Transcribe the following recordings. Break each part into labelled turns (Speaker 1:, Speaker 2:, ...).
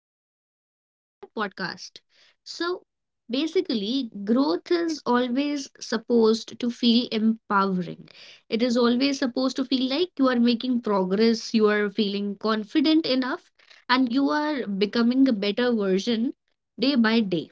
Speaker 1: and welcome to my podcast. So, basically, growth is always supposed to feel empowering. It is always supposed to feel like you are making progress, you are feeling confident enough, and you are becoming a better version day by day.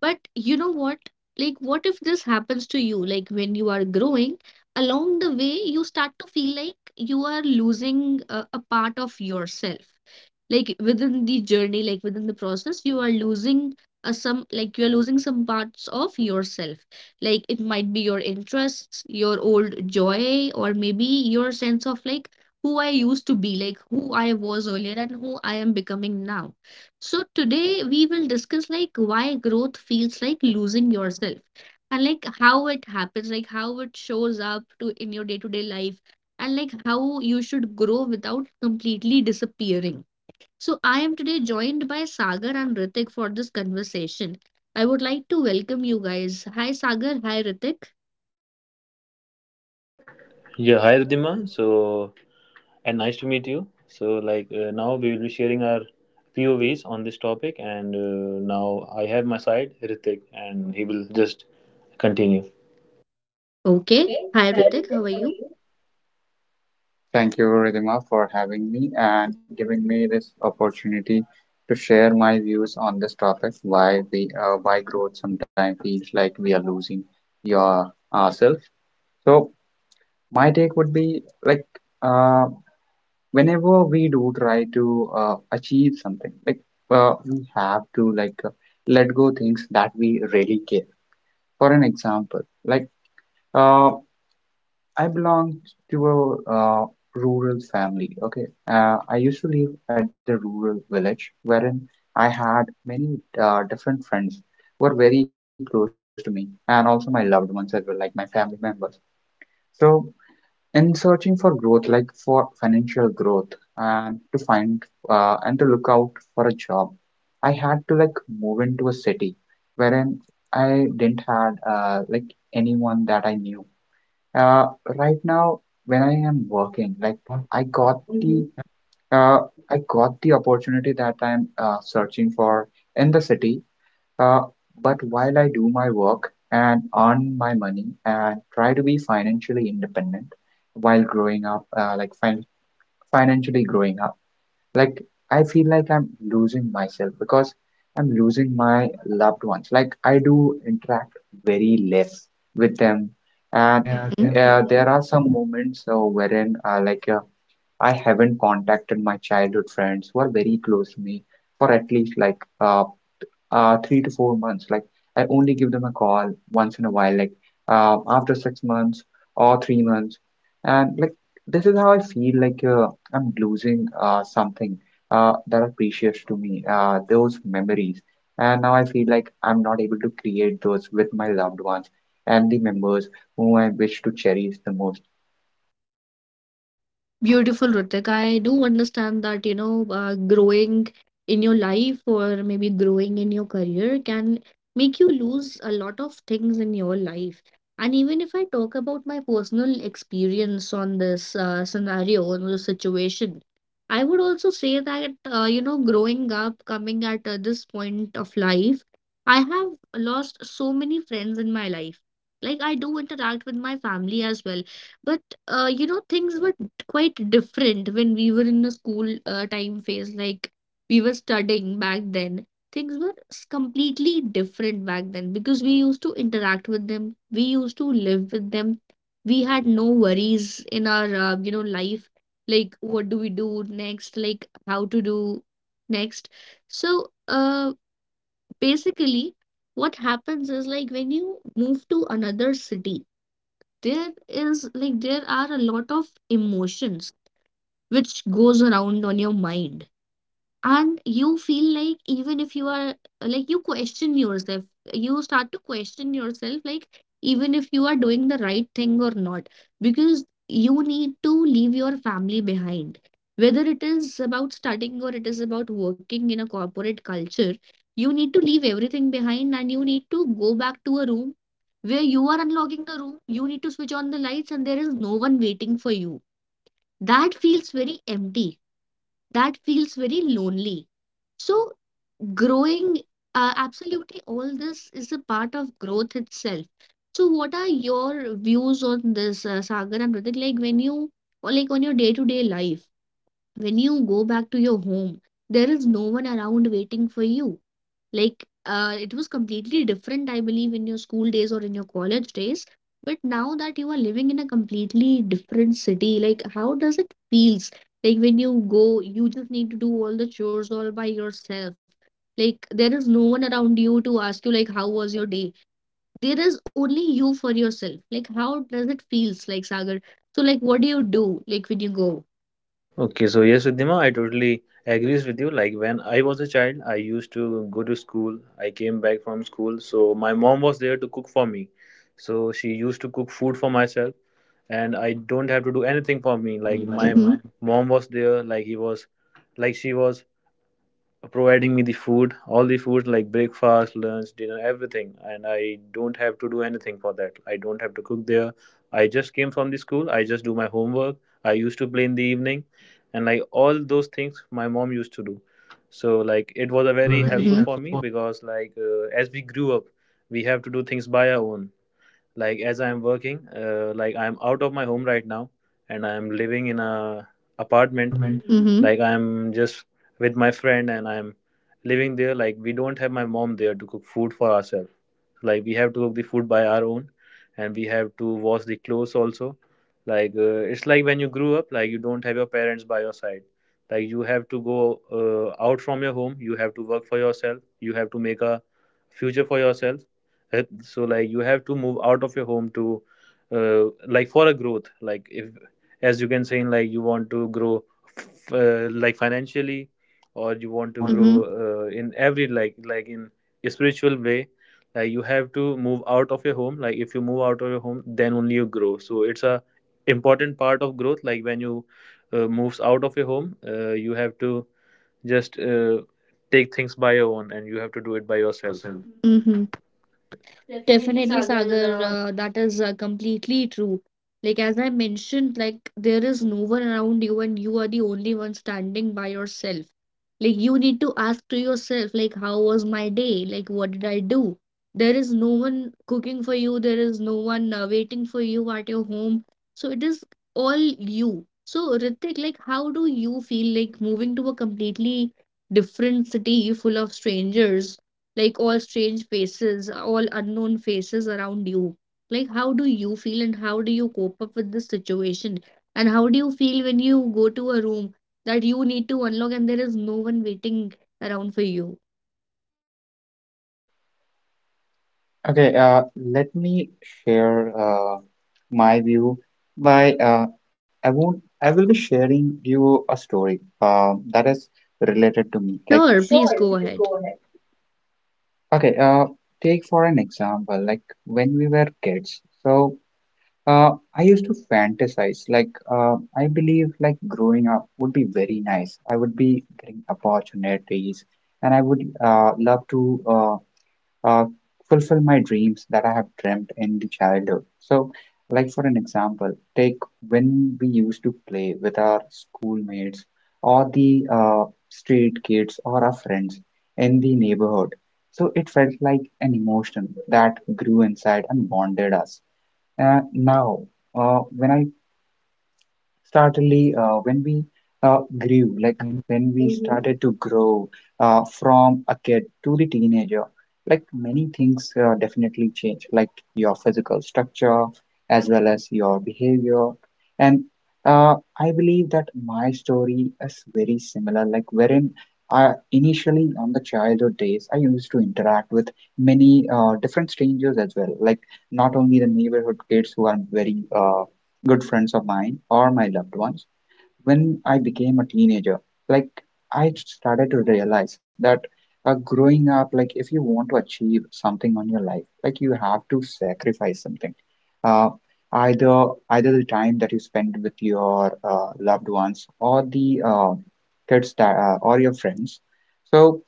Speaker 1: But you know what? Like, what if this happens to you? Like, when you are growing, along the way, you start to feel like you are losing a part of yourself, like within the journey, like within the process, you are losing a some, like you are losing some parts of yourself. Like, it might be your interests, your old joy, or maybe your sense of like who I used to be, like who I was earlier and who I am becoming now. So today we will discuss like why growth feels like losing yourself, and like how it happens, like how it shows up to in your day to day life, and like how you should grow without completely disappearing. So, I am today joined by Sagar and Ritik for this conversation. I would like to welcome you guys. Hi, Sagar. Hi, Ritik.
Speaker 2: Yeah, hi Ridhima. So, and nice to meet you. So, like now we will be sharing our POVs on this topic, and now I have my side Ritik, and he will just continue.
Speaker 1: Okay. Hi, Ritik. How are you?
Speaker 3: Thank you, Ridhima, for having me and giving me this opportunity to share my views on this topic, why we why growth sometimes feels like we are losing your ourselves. So my take would be like uh, whenever we do try to achieve something, like we have to let go things that we really care. For an example, like uh, I belong to a rural family. Okay, I used to live at the rural village wherein I had many different friends who were very close to me, and also my loved ones as well, like my family members. So, in searching for growth, like for financial growth, and to find and to look out for a job, I had to like move into a city wherein I didn't had like anyone that I knew, uh, right now, when I am working, like
Speaker 1: God.
Speaker 3: I got the opportunity that I'm searching for in the city. Uh, but while I do my work and earn my money and try to be financially independent while growing up, financially growing up, like I feel like I'm losing myself because I'm losing my loved ones. Like I do interact very less with them. And
Speaker 1: Yeah. Mhm.
Speaker 3: there are some moments wherein I haven't contacted my childhood friends who are very close to me for at least like 3 to 4 months. Like I only give them a call once in a while, like after 6 months or 3 months. And like this is how I feel like I'm losing something that are precious to me, those memories. And now I feel like I'm not able to create those with my loved ones and the members whom I wish to cherish the most.
Speaker 1: Beautiful, Ritik. I do understand that, you know, growing in your life or maybe growing in your career can make you lose a lot of things in your life. And even if I talk about my personal experience on this scenario, on this situation, I would also say that, you know, growing up, coming at this point of life, I have lost so many friends in my life. Like, I do interact with my family as well. But you know, things were quite different when we were in the school time phase. Like, we were studying back then. Things were completely different back then because we used to interact with them, we used to live with them. We had no worries in our you know, life, like what do we do next, like how to do next. So, basically, what happens is like when you move to another city, there is like there are a lot of emotions which goes around on your mind, and you feel like even if you are, like you question yourself, you start to question yourself like even if you are doing the right thing or not, because you need to leave your family behind, whether it is about studying or it is about working in a corporate culture. You need to leave everything behind and you need to go back to a room where you are unlocking the room, you need to switch on the lights and there is no one waiting for you. That feels very empty, that feels very lonely. So growing, absolutely all this is a part of growth itself. So what are your views on this, Sagar and Ritik? Like, when you, or like on your day-to-day life, when you go back to your home, there is no one around waiting for you. Like, it was completely different, I believe, in your school days or in your college days. But now that you are living in a completely different city, like how does it feels like when you go, you just need to do all the chores all by yourself. Like, there is no one around you to ask you like how was your day. There is only you for yourself. Like, how does it feels like, Sagar? So like what do you do, like when you go
Speaker 2: Okay, so yes, Ridhima, I totally agrees with you. Like when I was a child, I used to go to school. I came back from school, so my mom was there to cook for me. So she used to cook food for myself, and I don't have to do anything for me.
Speaker 1: for
Speaker 2: Like
Speaker 1: me. Like,
Speaker 2: my m-
Speaker 1: mm-hmm.
Speaker 2: mom was there, like she was providing me the food, all the food like breakfast, lunch, dinner, everything. And I don't have to do anything for that. I don't have to cook there. I just came from the school. I just do my homework. I used to play in the evening, and like all those things, my mom used to do. So like it was a
Speaker 1: It was a
Speaker 2: very
Speaker 1: very, mm-hmm,
Speaker 2: helpful for me,
Speaker 1: helpful
Speaker 2: because like as we grew up, we have to do things by our own. Like as I am working, like I am out of my home right now, and I am living in a apartment,
Speaker 1: apartment. Hmm.
Speaker 2: like I am just with my friend, and I am living there. Like we don't have my mom there to cook food for ourselves. Like we have to cook the food by our own, and we have to wash the clothes also. Like it's like when you grew up, like you don't have your parents by your side. Like you have to go, out from your home. You have to work for yourself. You have to make a future for yourself. Uh, so like you have to move out of your home to, uh, like for a growth. Like if as you can say, like you want to grow like financially, or you
Speaker 1: You
Speaker 2: want to
Speaker 1: want to,
Speaker 2: grow
Speaker 1: hmm, do
Speaker 2: in every, like in a spiritual way. Like you have to move out of your home. Like if you move out of your home, then only you grow. So it's a important part of growth. Like when you moves out of your home, you have to just take things by your own, and you have to do it by
Speaker 1: by
Speaker 2: yourself.
Speaker 1: yourself. Mhm.
Speaker 2: Definitely,
Speaker 1: Definitely,
Speaker 2: Sagar.
Speaker 1: Sagar, that is completely true. Like as I mentioned, like there is no one around you and you are the only one standing by yourself. Like you need to ask to yourself, like, how was my day? Like, what did I do? There is no one cooking for you. There is no one waiting for you at your home. So it is all you. So Ritik, like, how do you feel like moving to a completely different city full of strangers, like all strange faces, all unknown faces around you? Like, how do you feel and how do you cope up with this situation? And how do you feel when you go to a room that you need to unlock and there is no one waiting around for you.
Speaker 3: Okay, let me share my view by I won't I will be sharing you a story that is related to
Speaker 1: Like,
Speaker 3: me. Like
Speaker 1: sure, please go ahead.
Speaker 3: okay, take for an example, like when we were kids. So uh, I used to fantasize. Like I believe like growing up would be very nice. I would be getting opportunities, and I would love to. uh, fulfill my dreams that I have dreamt in the childhood. So, like for an example, take when we used to play with our schoolmates or the street kids or our friends in the neighborhood. So it felt like an emotion that grew inside and bonded us. Now, when I Certainly, when we grew, like
Speaker 1: And
Speaker 3: when we started to grow from a kid to the teenager, like many things definitely change, like your physical structure as well as your behavior. And uh, I believe that my story is very similar, like wherein I initially on the childhood days, I used to interact with many different strangers as well, like not only the neighborhood kids who are very good friends of mine or my loved ones when I became a teenager. Like, I started to realize that growing up, like, if you want to achieve something on your life, like, you have to sacrifice something. Uh, either the time that you spend with your loved ones or the kids, that, or your friends. So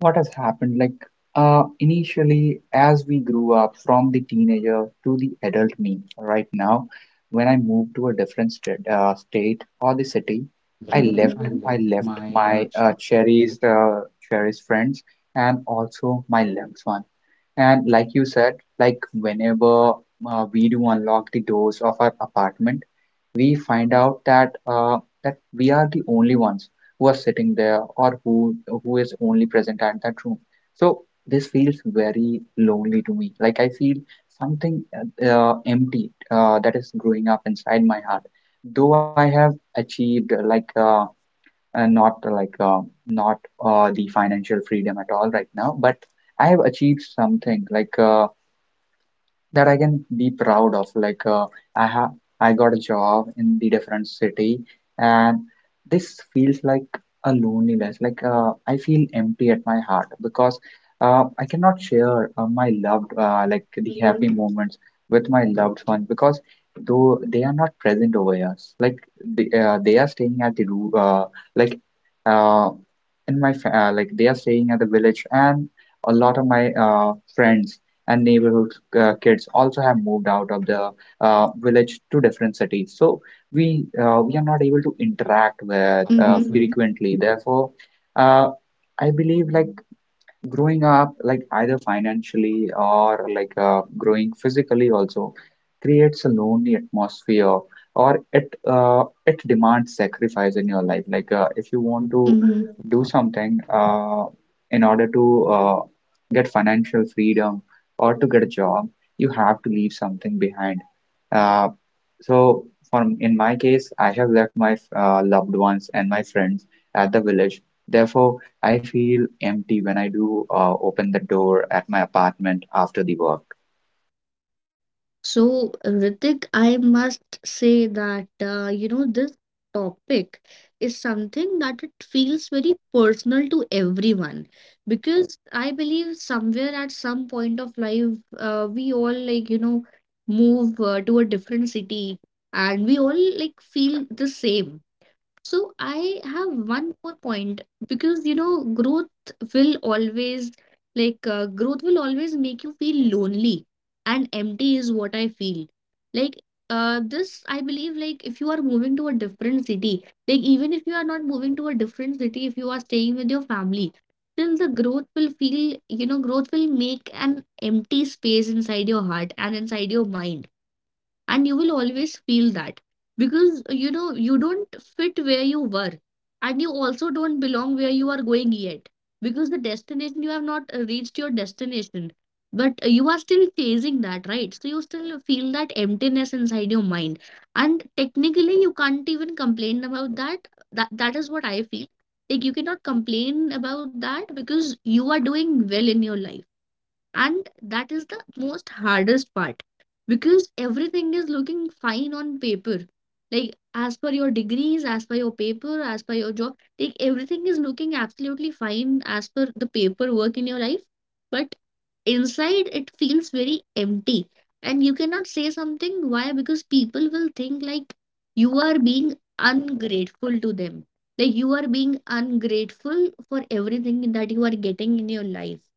Speaker 3: what has happened, like initially as we grew up from the teenager to the adult me right now when I moved to a different state or the city,
Speaker 1: I
Speaker 3: i
Speaker 1: left,
Speaker 3: left
Speaker 1: hmm, I
Speaker 3: I
Speaker 1: left
Speaker 3: left
Speaker 1: my
Speaker 3: my cherished friends and also my loved one. And like you said, like whenever we do unlock the doors of our apartment, we find out that that we are the only ones who are sitting there, or who is only present at that room. So this feels very lonely to me. Like I feel something empty, that is growing up inside my heart. Though I have achieved uh, not uh, like uh, not the financial freedom at all right now, but I have achieved something like that I can be proud of. Like uh, I have, I got a job in the different city, and this feels like a loneliness. Like I feel empty at my heart because I cannot share
Speaker 1: like,
Speaker 3: like the happy moments with my loved ones, because though they are not present over here. Like they are staying at the roo- like uh, in my fa- like they are staying at the village, and a lot of my friends and neighborhood kids also have moved out of the village to different cities. So we are not able to interact with
Speaker 1: mm-hmm, frequent.
Speaker 3: frequently. Therefore, uh, I believe like growing up, like either financially or growing physically also creates a lonely atmosphere, or it uh, it demands sacrifice in your life. Like if you want to
Speaker 1: Mm-hmm.
Speaker 3: do something in order to get financial freedom or to get a job, you have to leave something behind. Uh, so, for in my case, I have left my loved ones and my friends at the village. Therefore, I feel empty when I do open the door at my apartment after the work.
Speaker 1: So, Ritik, I must say that, you know, this topic is something that it feels very personal to everyone, because I believe somewhere at some point of life, we all, like, you know, move to a different city and we all like feel the same. So I have one more point, because, you know, growth will always, like, growth will always make you feel lonely and empty is what I feel. Like, this I believe, like if you are moving to a different city, like even if you are not moving to a different city, if you are staying with your family, still the growth will feel, you know, growth will make an empty space inside your heart and inside your mind, and you will always feel that because, you know, you don't fit where you were and you also don't belong where you are going yet, because the destination you have not reached your destination, but you are still chasing that, right? So you still feel that emptiness inside your mind, and technically you can't even complain about that. That is what I feel. Like, you cannot complain about that because you are doing well in your life, and that is the most hardest part, because everything is looking fine on paper, like as per your degrees, as per your paper, as per your job, like everything is looking absolutely fine as per the paperwork in your life. But inside it feels very empty, and you cannot say something. Why? Because people will think like you are being ungrateful to them, like you are being ungrateful for everything that you are getting in your life.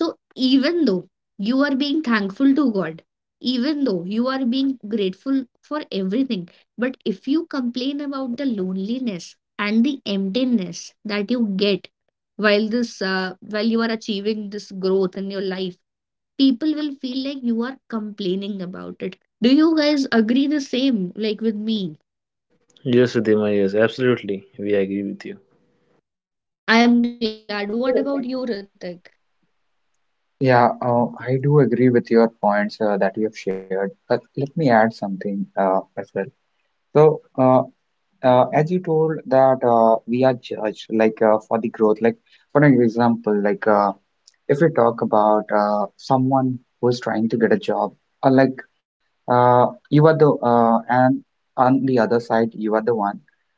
Speaker 1: So, even though you are being thankful to God, even though you are being grateful for everything, but if you complain about the loneliness and the emptiness that you get while this, while you are achieving this growth in your life, people will feel like you are complaining about it. Do you guys agree the same? Like, with me,
Speaker 2: Yes, Siddhima, yes, absolutely, we agree with you.
Speaker 1: I am glad. What about you, Ritik?
Speaker 3: Yeah, I do agree with your points that you have shared, but let me add something as well. So, as you told that we are judged like for the growth, like for an example, like if we talk about someone who is trying to get a job, or like you are the and on the other side you are the one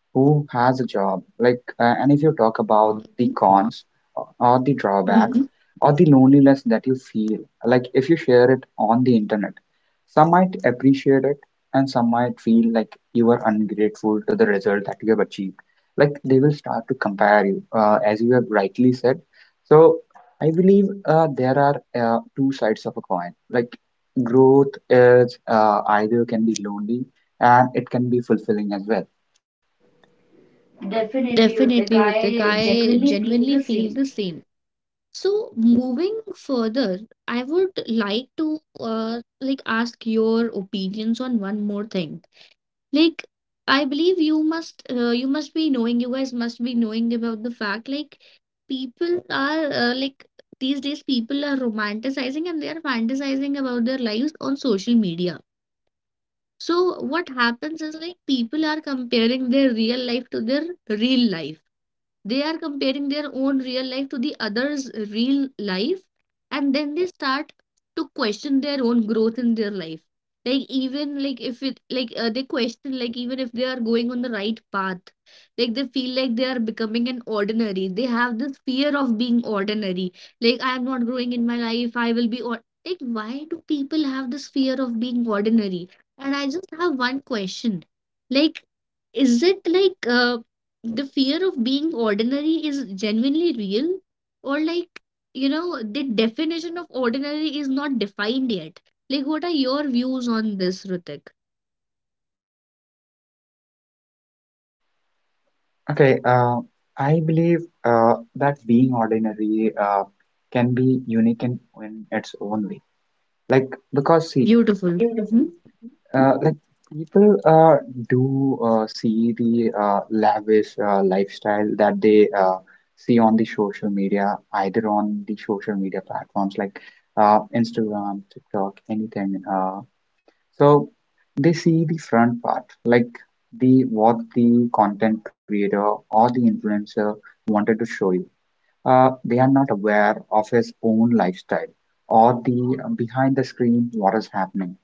Speaker 3: who has a job. Like and if you talk
Speaker 1: About
Speaker 3: about the
Speaker 1: gone
Speaker 3: cons or or the Mm.
Speaker 1: job. Mhm.
Speaker 3: drawbacks or the loneliness that you feel, like if you share it on the internet, some might appreciate it and some might feel like you are ungrateful to the result that you have achieved. Like they will start to compare you, as you have rightly said. So I believe there are two sides of a coin. Like growth is either can be lonely and it can be fulfilling as well.
Speaker 2: Definitely, Ritik.
Speaker 1: Definitely, Ritik.
Speaker 2: I
Speaker 1: I
Speaker 2: genuinely feel the
Speaker 1: genuinely
Speaker 2: same.
Speaker 1: feel the same. So moving further, I would like to like ask your opinions on one more thing. Like, I believe you must, you must be knowing, you guys must be knowing about the fact like people are, like these days people are romanticizing and they are fantasizing about their lives on social media. So what happens is like people are comparing their real life to their real life. They are comparing their own real life to the other's real life, and then they start to question their own growth in their life. Like, even like if it like, they question like even if they are going on the right path, like they feel like they are becoming an ordinary. They have this fear of being ordinary. Like, I am not growing in my life. I will be, or like why do people have this fear of being ordinary? And I just have one question. Like, is it like, the fear of being ordinary is genuinely real? Or like, you know, the definition of ordinary is not defined yet. Like, what are your views on this, Ritik?
Speaker 3: Okay, I believe uh, that being ordinary uh, can be unique in its own way, like because see.
Speaker 1: Beautiful.
Speaker 3: Like people do see the lavish lifestyle that they see on the social media, either on the social media platforms like Instagram, TikTok, anything. So they see the front part, like the what the content creator or the influencer wanted to show you. They are not aware of his own lifestyle or the behind the screen what is happening.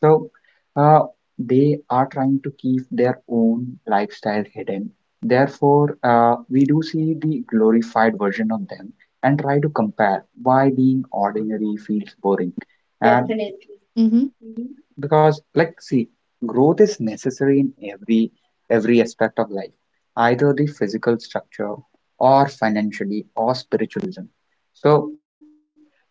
Speaker 3: So uh, they are trying to keep their own lifestyle hidden. Therefore, we do see the glorified version of them and try to compare why being ordinary feels boring. And
Speaker 1: Mm-hmm.
Speaker 3: because like see, growth is necessary in every aspect of life, either the physical structure or financially or spiritualism. So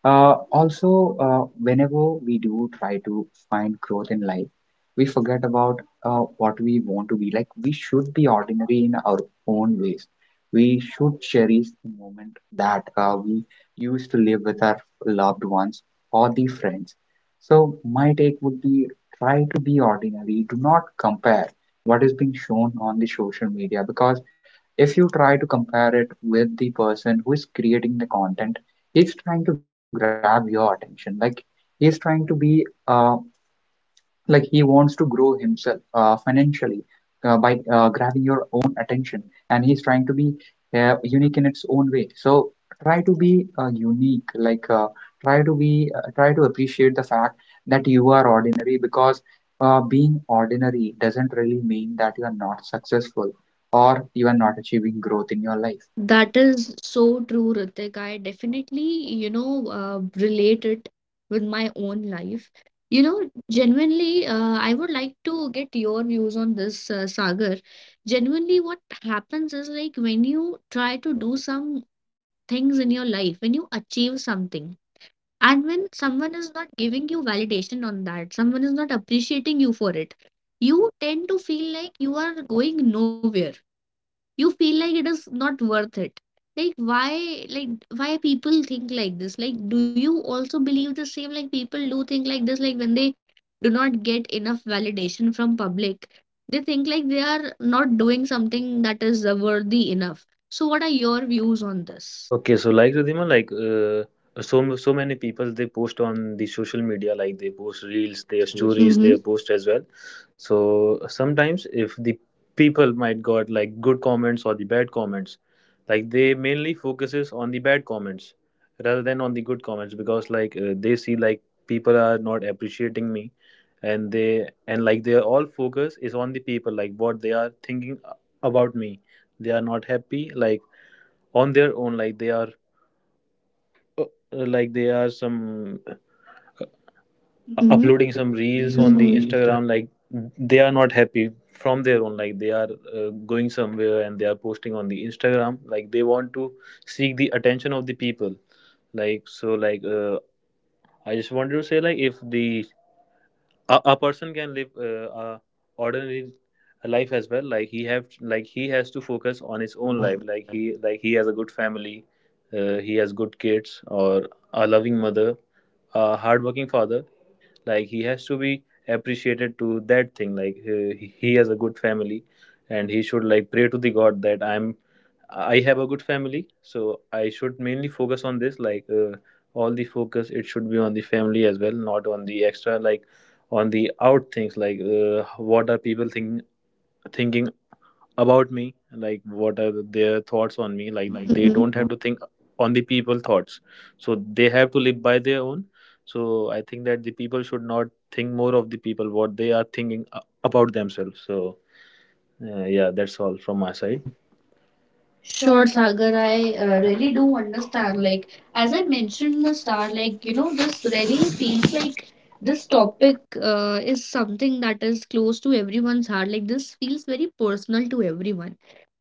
Speaker 3: also, whenever we do try to find growth in life, we forget about what we want to be. Like we should be ordinary in our own ways. We should cherish the moment that we used to live with our loved ones or the friends. So my take would be try to be ordinary. Do not compare what is being shown on the social media, because if you try to compare it with the person who is creating the content, he's trying to grab your attention. Like he's trying to be he wants to grow himself financially by grabbing your own attention, and he's trying to be unique in its own way. So try to be unique. Like try to appreciate the fact that you are ordinary, because being ordinary doesn't really mean that you are not successful or you are not achieving growth in your life.
Speaker 1: That is so true, Ritik. I definitely, you know, relate it with my own life. You know, genuinely, I would like to get your views on this, Sagar. Genuinely, what happens is like when you try to do some things in your life, when you achieve something, and when someone is not giving you validation on that, someone is not appreciating you for it, you tend to feel like you are going nowhere, you feel like it is not worth it. Like, why, like why people think like this? Like, do you also believe the same, like people do think like this, like when they do not get enough validation from public, they think like they are not doing something that is worthy enough. So what are your views on this?
Speaker 2: Okay, so like Ridhima, like so many people, they post on the social media, like they post reels, their
Speaker 1: Mm-hmm.
Speaker 2: stories, their post as well. So sometimes if the people might got like good comments or the bad comments, like they mainly focuses on the bad comments rather than on the good comments, because like they see like people are not appreciating me, and they and like their all focus is on the people, like what they are thinking about me. They are not happy, like on their own. Like they are, uh, like they are some
Speaker 1: Mm-hmm.
Speaker 2: uploading some reels on the Instagram. Like they are not happy from their own. Like they are, going somewhere, and they are posting on the Instagram. Like they want to seek the attention of the people. Like so, like I just wanted to say, like if a person can live a ordinary life as well. Like he have like he has to focus on his own life. Like he has a good family. He has good kids, or a loving mother, a hardworking father. Like he has to be appreciated to that thing. Like he has a good family, and he should like pray to the god that I have a good family. So I should mainly focus on this. Like all the focus, it should be on the family as well, not on the extra, like on the out things. Like what are people thinking about me? Like what are their thoughts on me? Like they
Speaker 1: Mm-hmm.
Speaker 2: don't have to think on the people thoughts. So they have to live by their own. So I think that the people should not think more of the people what they are thinking about themselves. So, yeah, that's all from my side. Sure,
Speaker 1: Sure,
Speaker 2: Sagar,
Speaker 1: Sagar,
Speaker 2: I
Speaker 1: I really
Speaker 2: really
Speaker 1: do
Speaker 2: do understand.
Speaker 1: understand.
Speaker 2: Like,
Speaker 1: Like, as
Speaker 2: as
Speaker 1: I
Speaker 2: I
Speaker 1: mentioned
Speaker 2: mentioned in
Speaker 1: in the
Speaker 2: the start,
Speaker 1: start,
Speaker 2: like,
Speaker 1: like, you
Speaker 2: you
Speaker 1: know,
Speaker 2: know,
Speaker 1: this
Speaker 2: this really
Speaker 1: really feels
Speaker 2: feels
Speaker 1: like
Speaker 2: like
Speaker 1: this
Speaker 2: this
Speaker 1: topic
Speaker 2: topic.
Speaker 1: is something that is close to everyone's heart. Like, this feels very personal to everyone.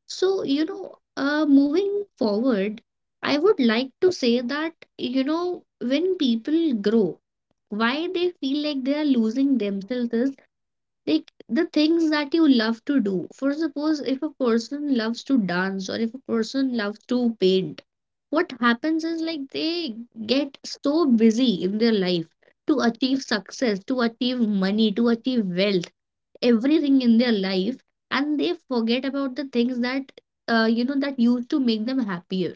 Speaker 1: So moving forward, I would like to say that, you know, when people grow, why they feel like they are losing themselves is like the things that you love to do for suppose if a person loves to dance or if a person loves to paint what happens is like they get so busy in their life to achieve success to achieve money to achieve wealth everything in their life and they forget about the things that that used to make them happier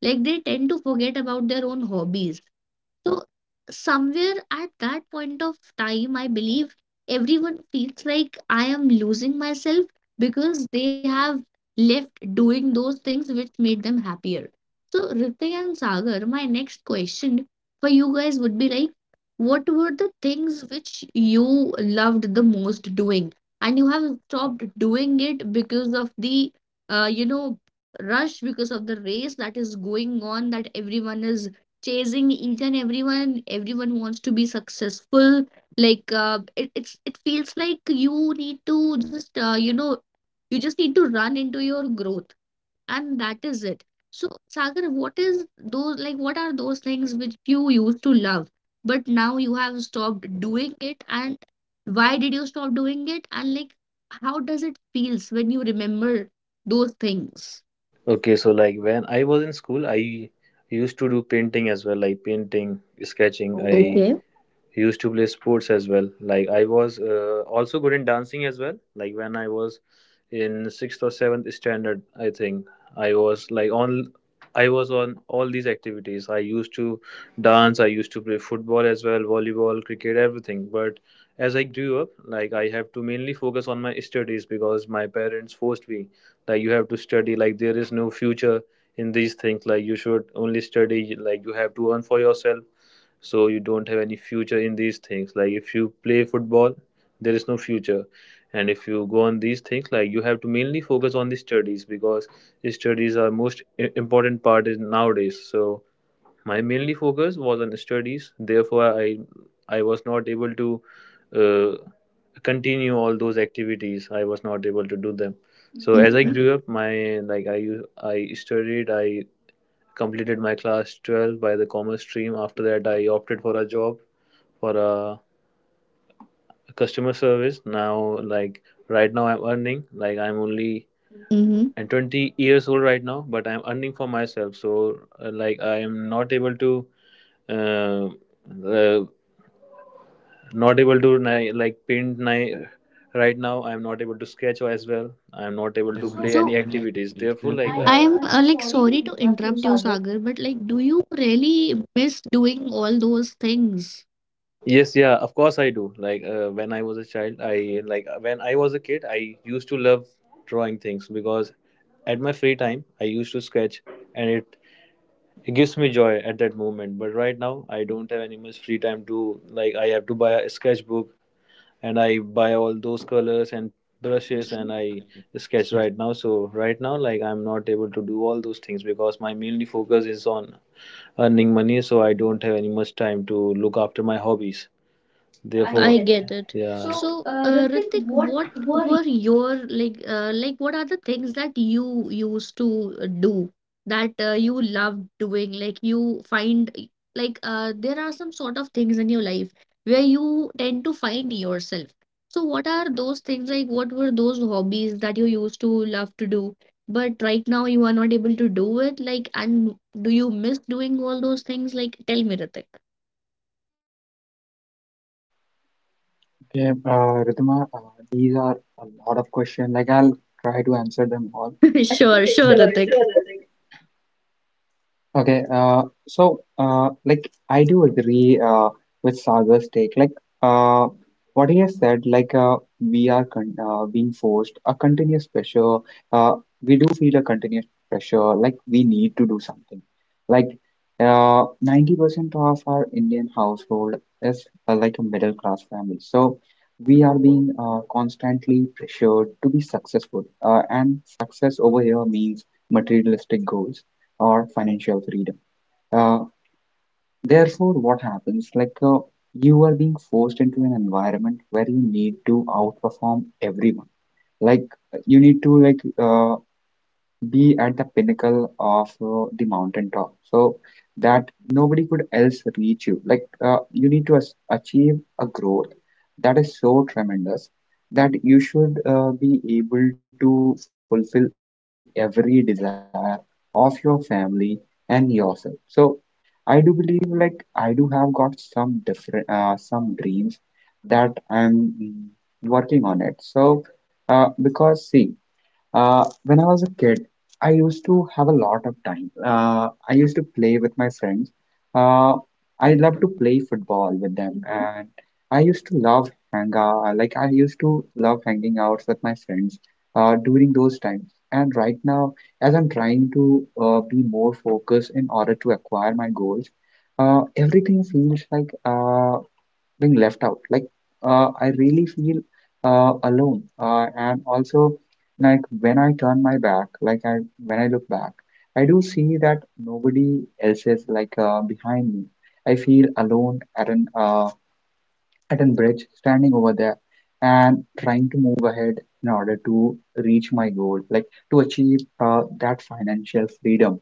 Speaker 1: like they tend to forget about their own hobbies so somewhere at that point of time, I believe everyone feels like I am losing myself because they have left doing those things which made them happier. So Ritik and Sagar, my next question for you guys would be like, what were the things which you loved the most doing, and you have stopped doing it because of the, uh, you know, rush, because of the race that is going on, that everyone is chasing each and everyone everyone wants to be successful like it's it feels like you need to just you just need to run into your growth and that is it. So Sagar what is those like what are those things which you used to love but now you have stopped doing it and why did you stop doing it and like how does it feels when you remember those things?
Speaker 2: Okay, so like when I was in school, I used to do painting as well, like painting, sketching. I, okay,
Speaker 1: Okay.
Speaker 2: used to play sports as well. Like I was, also good in dancing as well. Like when I was in sixth or seventh standard, I think i was like on I was on all these activities. I used to dance, I used to play football as well, volleyball, cricket, everything. But as I grew up, like I have to mainly focus on my studies, because my parents forced me that you have to study. Like there is no future in these things. Like you should only study. Like you have to earn for yourself. So you don't have any future in these things. Like if you play football, there is no future. And if you go on these things, like you have to mainly focus on the studies, because studies are most important part is nowadays. So my mainly focus was on studies, therefore I was not able to uh, continue all those activities. I was not able to do them. So as I
Speaker 1: Mm-hmm.
Speaker 2: grew up, my like I u- I studied. I completed my class 12 by the commerce stream. After that, I opted for a job, for a customer service. Now, like right now, I'm earning. Like I'm only and 20 years old right now, but I'm earning for myself. So, like I am not able to, uh, uh, paint. Right now, I'm not able to sketch as well. I'm
Speaker 1: They're
Speaker 2: not able
Speaker 1: not
Speaker 2: to
Speaker 1: able to.
Speaker 2: play
Speaker 1: So
Speaker 2: any
Speaker 1: see any
Speaker 2: activities.
Speaker 1: activities.
Speaker 2: Therefore,
Speaker 1: Therefore,
Speaker 2: like
Speaker 1: like I am like sorry to interrupt you, Sagar, but like, do you really miss doing all those things?
Speaker 2: yes, yeah, of course I do. Like when I was a child, I like when I was a kid, I used to love drawing things, because at my free time, I used to sketch, and it gives me joy at that moment. But right now, I don't have any much free time to, like I have to buy a sketchbook, and I buy all those colors and brushes, and I sketch
Speaker 1: Much.
Speaker 2: right now. So right now, like I'm not able to do all those things because my mainly focus is on earning money. So I don't have any much time to look after my hobbies. I Therefore, I
Speaker 1: I
Speaker 2: get it.
Speaker 1: get it.
Speaker 2: Yeah. So,
Speaker 1: So,
Speaker 2: Ritik,
Speaker 1: Ritik,
Speaker 2: what
Speaker 1: what
Speaker 2: were you
Speaker 1: were your like what are the things that you used to do that you love doing? Like you find like there are some sort of things in your life where you tend to find yourself. So, what are those things like what were those hobbies that you used to love to do, but right now you are not able to do it? Like, and do you miss doing all those things? Like, tell me, Ritik.
Speaker 3: Okay, Ritima, these are a lot of questions. Like I'll try to answer them all.
Speaker 1: Sure, sure, Ritik.
Speaker 3: Okay, so like I do agree with Sagar's take. Like uh, what he has said, like we are con being forced a continuous pressure. Uh, we do feel a continuous pressure, like we need to do something. Like 90% of our Indian household is like a middle class family, so we are being constantly pressured to be successful. And success over here means materialistic goals or financial freedom. Uh, Therefore, what happens? Like you are being forced into an environment where you need to outperform everyone. Like you need to be at the pinnacle of the mountaintop so that nobody could else reach you, you need to achieve a growth that is so tremendous that you should be able to fulfill every desire of your family and yourself. So I do believe, like, I do have got some different some dreams that I'm working on it. So because see, when I was a kid, I used to have a lot of time. I used to play with my friends. Uh, I loved to play football with them, and I used to love hang out. Like I used to love hanging out with my friends during those times. And right now, as I'm trying to be more focused in order to acquire my goals, everything feels like being left out. Like I really feel alone, and also like when I turn my back, like I when I look back, I do see that nobody else is behind me. I feel alone at an bridge, standing over there, and trying to move ahead in order to reach my goal, like to achieve that financial freedom.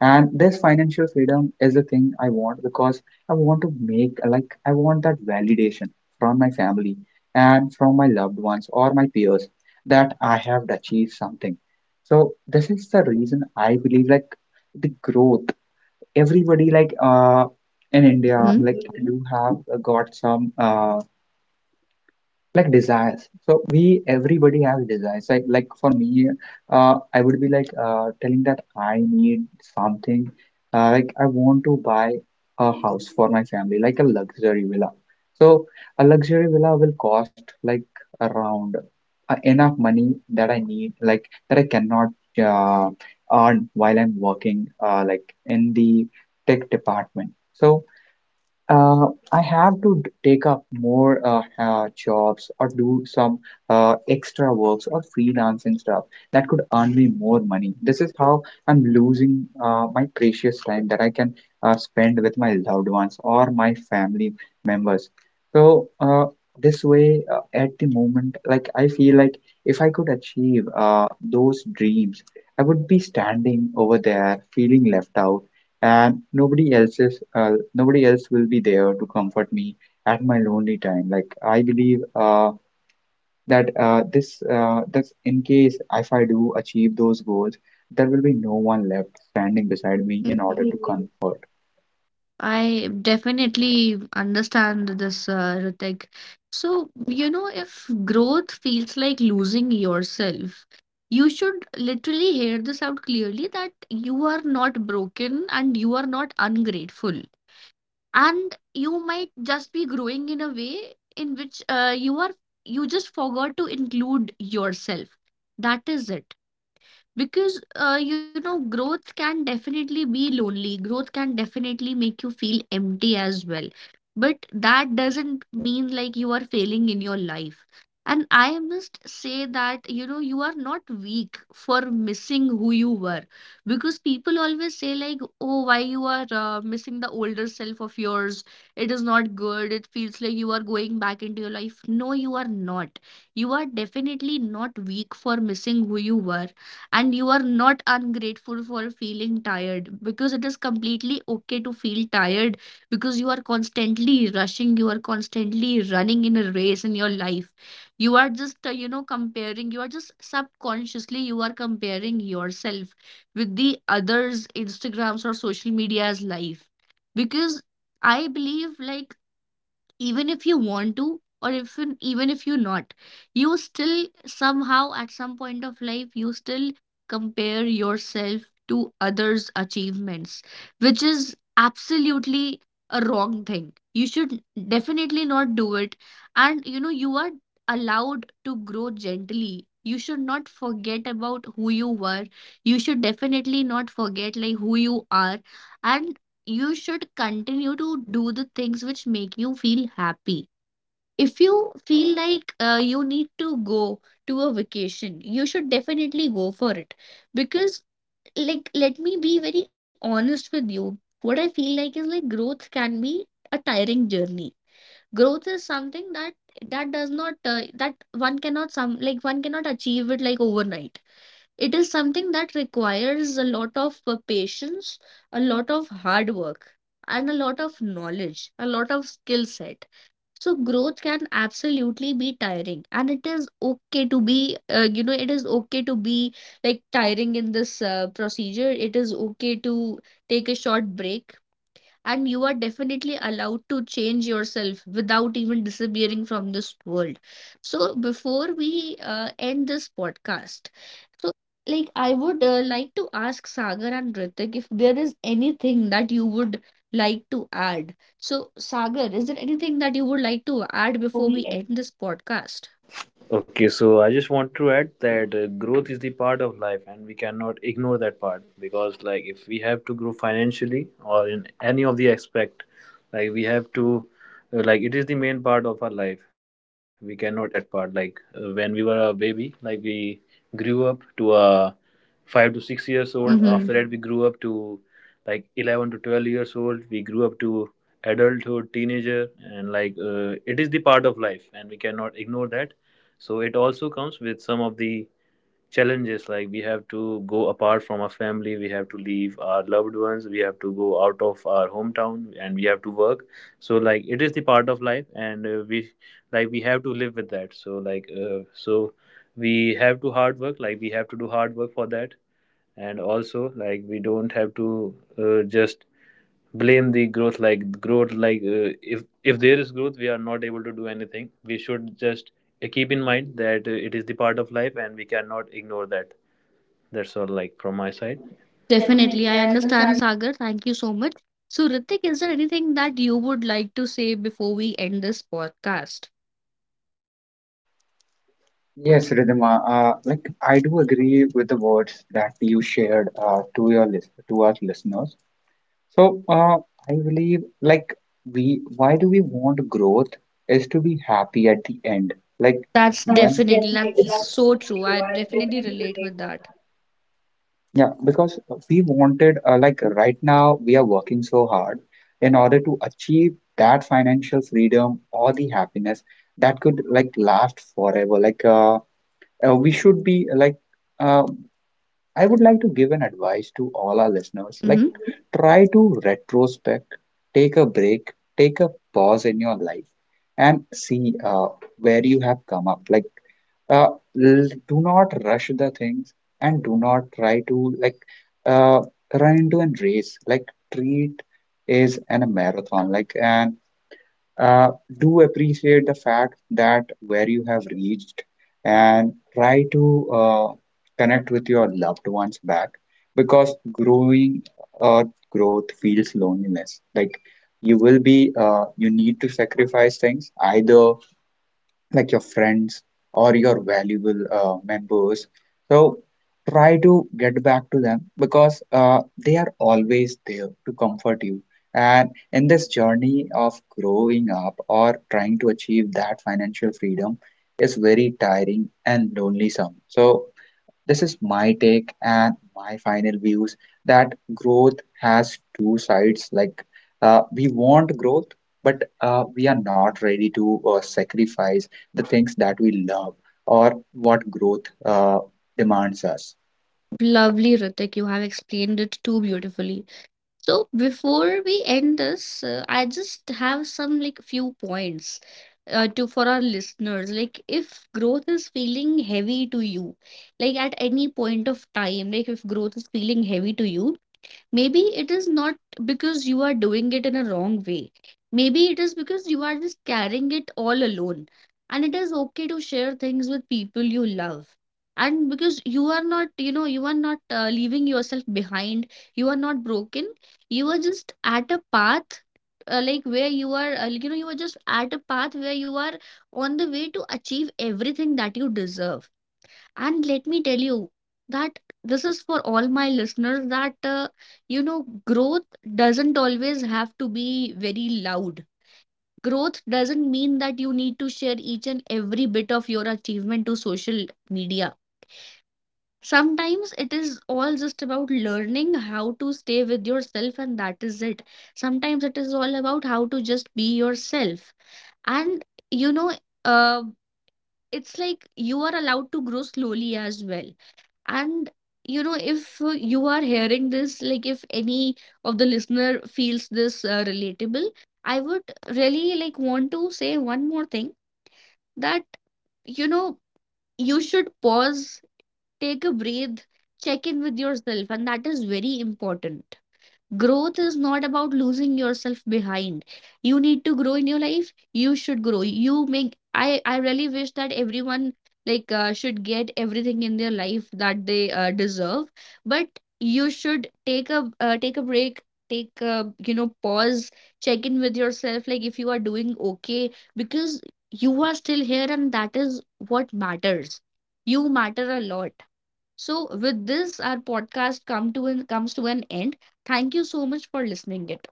Speaker 3: And this financial freedom is the thing I want because I want to make like I want that validation from my family and from my loved ones or my peers, that I have achieved something. So this is the reason I believe, like, the growth. Everybody like, in India,
Speaker 1: Hmm?
Speaker 3: like, you have got some like desires. So we everybody has desires, like, for me, I would be telling that I need something. Like, I want to buy a house for my family, like a luxury villa. So a luxury villa will cost like around enough money, that I need, like, that I cannot uh, earn while I'm working, like in the tech department. So I have to take up more jobs or do some extra works or freelancing stuff that could earn me more money. This is how I'm losing my precious time that I can spend with my loved ones or my family members. So, this way, at the moment, like I feel like if I could achieve those dreams, I would be standing over there feeling left out and nobody else will be there to comfort me at my lonely time. Like I believe that this that's, in case if I do achieve those goals, there will be no one left standing beside me in order
Speaker 1: Mhm.
Speaker 3: to comfort.
Speaker 1: I definitely understand this, Ritik. So, you know, if growth feels like losing yourself, you should literally hear this out clearly that you are not broken and you are not ungrateful. And you might just be growing in a way in which you just forgot to include yourself. That is it. Because, you know, growth can definitely be lonely. Growth can definitely make you feel empty as well. But that doesn't mean like you are failing in your life. And I must say that, you know, you are not weak for missing who you were. Because people always say, like, oh, why you are missing the older self of yours? It is not good. It feels like you are going back into your life. No, you are not. You are definitely not weak for missing who you were and you are not ungrateful for feeling tired because it is completely okay to feel tired because you are constantly rushing, you are constantly running in a race in your life. You are just, comparing, you are just subconsciously, you are comparing yourself with the others' Instagrams or social media's life because I believe like even if you want to or if you- even if you not you still somehow at some point of life you still compare yourself to others achievements which is absolutely a wrong thing you should definitely not do it. And you know you are allowed to grow gently you should not forget about who you were you should definitely not forget like who you are and you should continue to do the things which make you feel happy. If you feel like you need to go to a vacation, you should definitely go for it. Because, like, let me be very honest with you. What I feel like is like growth can be a tiring journey. Growth is something that does not that one cannot some like one cannot achieve it like overnight. It is something that requires a lot of patience, a lot of hard work, and a lot of knowledge, a lot of skill set. So growth can absolutely be tiring, and it is okay to be, it is okay to be like tiring in this procedure. It is okay to take a short break and you are definitely allowed to change yourself without even disappearing from this world. So before we end this podcast so like I would like to ask Sagar and Ritik if there is anything that you would like to add. So Sagar is there anything that you would like to add before
Speaker 2: before
Speaker 1: we
Speaker 2: we
Speaker 1: end
Speaker 2: end?
Speaker 1: this podcast?
Speaker 2: Okay, so I just want to add that growth is the part of life, and we cannot ignore that part, because, like, if we have to grow financially or in any of the aspect, like it is the main part of our life. We cannot ignore that part. Like when we were a baby, like we grew up to a 5 to 6 years old. After
Speaker 1: Mm-hmm.
Speaker 2: that, we grew up to like 11 to 12 years old. We grew up to adulthood, teenager. And like it is the part of life, and we cannot ignore that. So it also comes with some of the challenges. Like we have to go apart from our family. We have to leave our loved ones. We have to go out of our hometown, and we have to work. So like it is the part of life, and we like we have to live with that. So like so we have to hard work. Like we have to do hard work for that. And also like we don't have to just blame the growth. Like growth, like if there is growth, we are not able to do anything. We should just keep in mind that it is the part of life, and we cannot ignore that. That's all like from my side.
Speaker 1: Definitely.
Speaker 2: Definitely,
Speaker 1: I
Speaker 2: I understand.
Speaker 1: understand, Sagar. Thank you so much. So, Ritik, is there anything that you would like to say before we end this podcast?
Speaker 3: Yes, Ridhima, like, I do agree with the words that you shared to your list to our listeners. So, I believe, like, why do we want growth is to be happy at the end. Like
Speaker 1: That's
Speaker 3: when,
Speaker 1: definitely, that's so true. I definitely relate with that.
Speaker 3: yeah, because we wanted, like right now we are working so hard in order to achieve that financial freedom or the happiness that could like last forever. Like, we should be like, uh, I would like to give an advice to all our
Speaker 1: Like,
Speaker 3: listeners. Like,
Speaker 1: mm-hmm.
Speaker 3: try to retrospect, take a break, take a pause in your life, and see where you have come up. Like, uh, do not rush the things, and do not try to uh, run into a race. Like, treat is an a marathon. Like, and uh, do appreciate the fact that where you have reached, and try to connect with your loved ones back, because growing or growth feels loneliness. Like you need to sacrifice things, either like your friends or your valuable members. So try to get back to them, because they are always there to comfort you. And in this journey of growing up or trying to achieve that financial freedom is very tiring and lonesome. So this is my take and my final views, that growth has two sides. Like, we want growth, but we are not ready to sacrifice the things that we love or what growth demands us.
Speaker 1: Lovely, Ritik. You have explained it too beautifully. So before we end this, I just have some like few points to for our listeners. Like if growth is feeling heavy to you, like at any point of time, like if growth is feeling heavy to you, maybe it is not because you are doing it in a wrong way. Maybe it is because you are just carrying it all alone. And it is okay to share things with people you love. And because you are not, you know, you are not leaving yourself behind, you are not broken, you are just at a path like where you are, you are just at a path where you are on the way to achieve everything that you deserve. And let me tell you that this is for all my listeners that, you know, growth doesn't always have to be very loud. Growth doesn't mean that you need to share each and every bit of your achievement to social media. Sometimes it is all just about learning how to stay with yourself, and that is it. Sometimes it is all about how to just be yourself. And, you know, uh, it's like you are allowed to grow slowly as well. And you know, if you are hearing this, like if any of the listener feels this relatable, I would really like want to say one more thing that you know, you should pause, take a breath, check in with yourself, and that is very important. Growth is not about losing yourself behind. You need to grow in your life you should grow you make I really wish that everyone like should get everything in their life that they deserve but you should take a take a break take a you know pause check in with yourself like if you are doing okay because you are still here and that is what matters. You matter a lot. So with this, our podcast come to an, comes to an end. Thank you so much for listening it.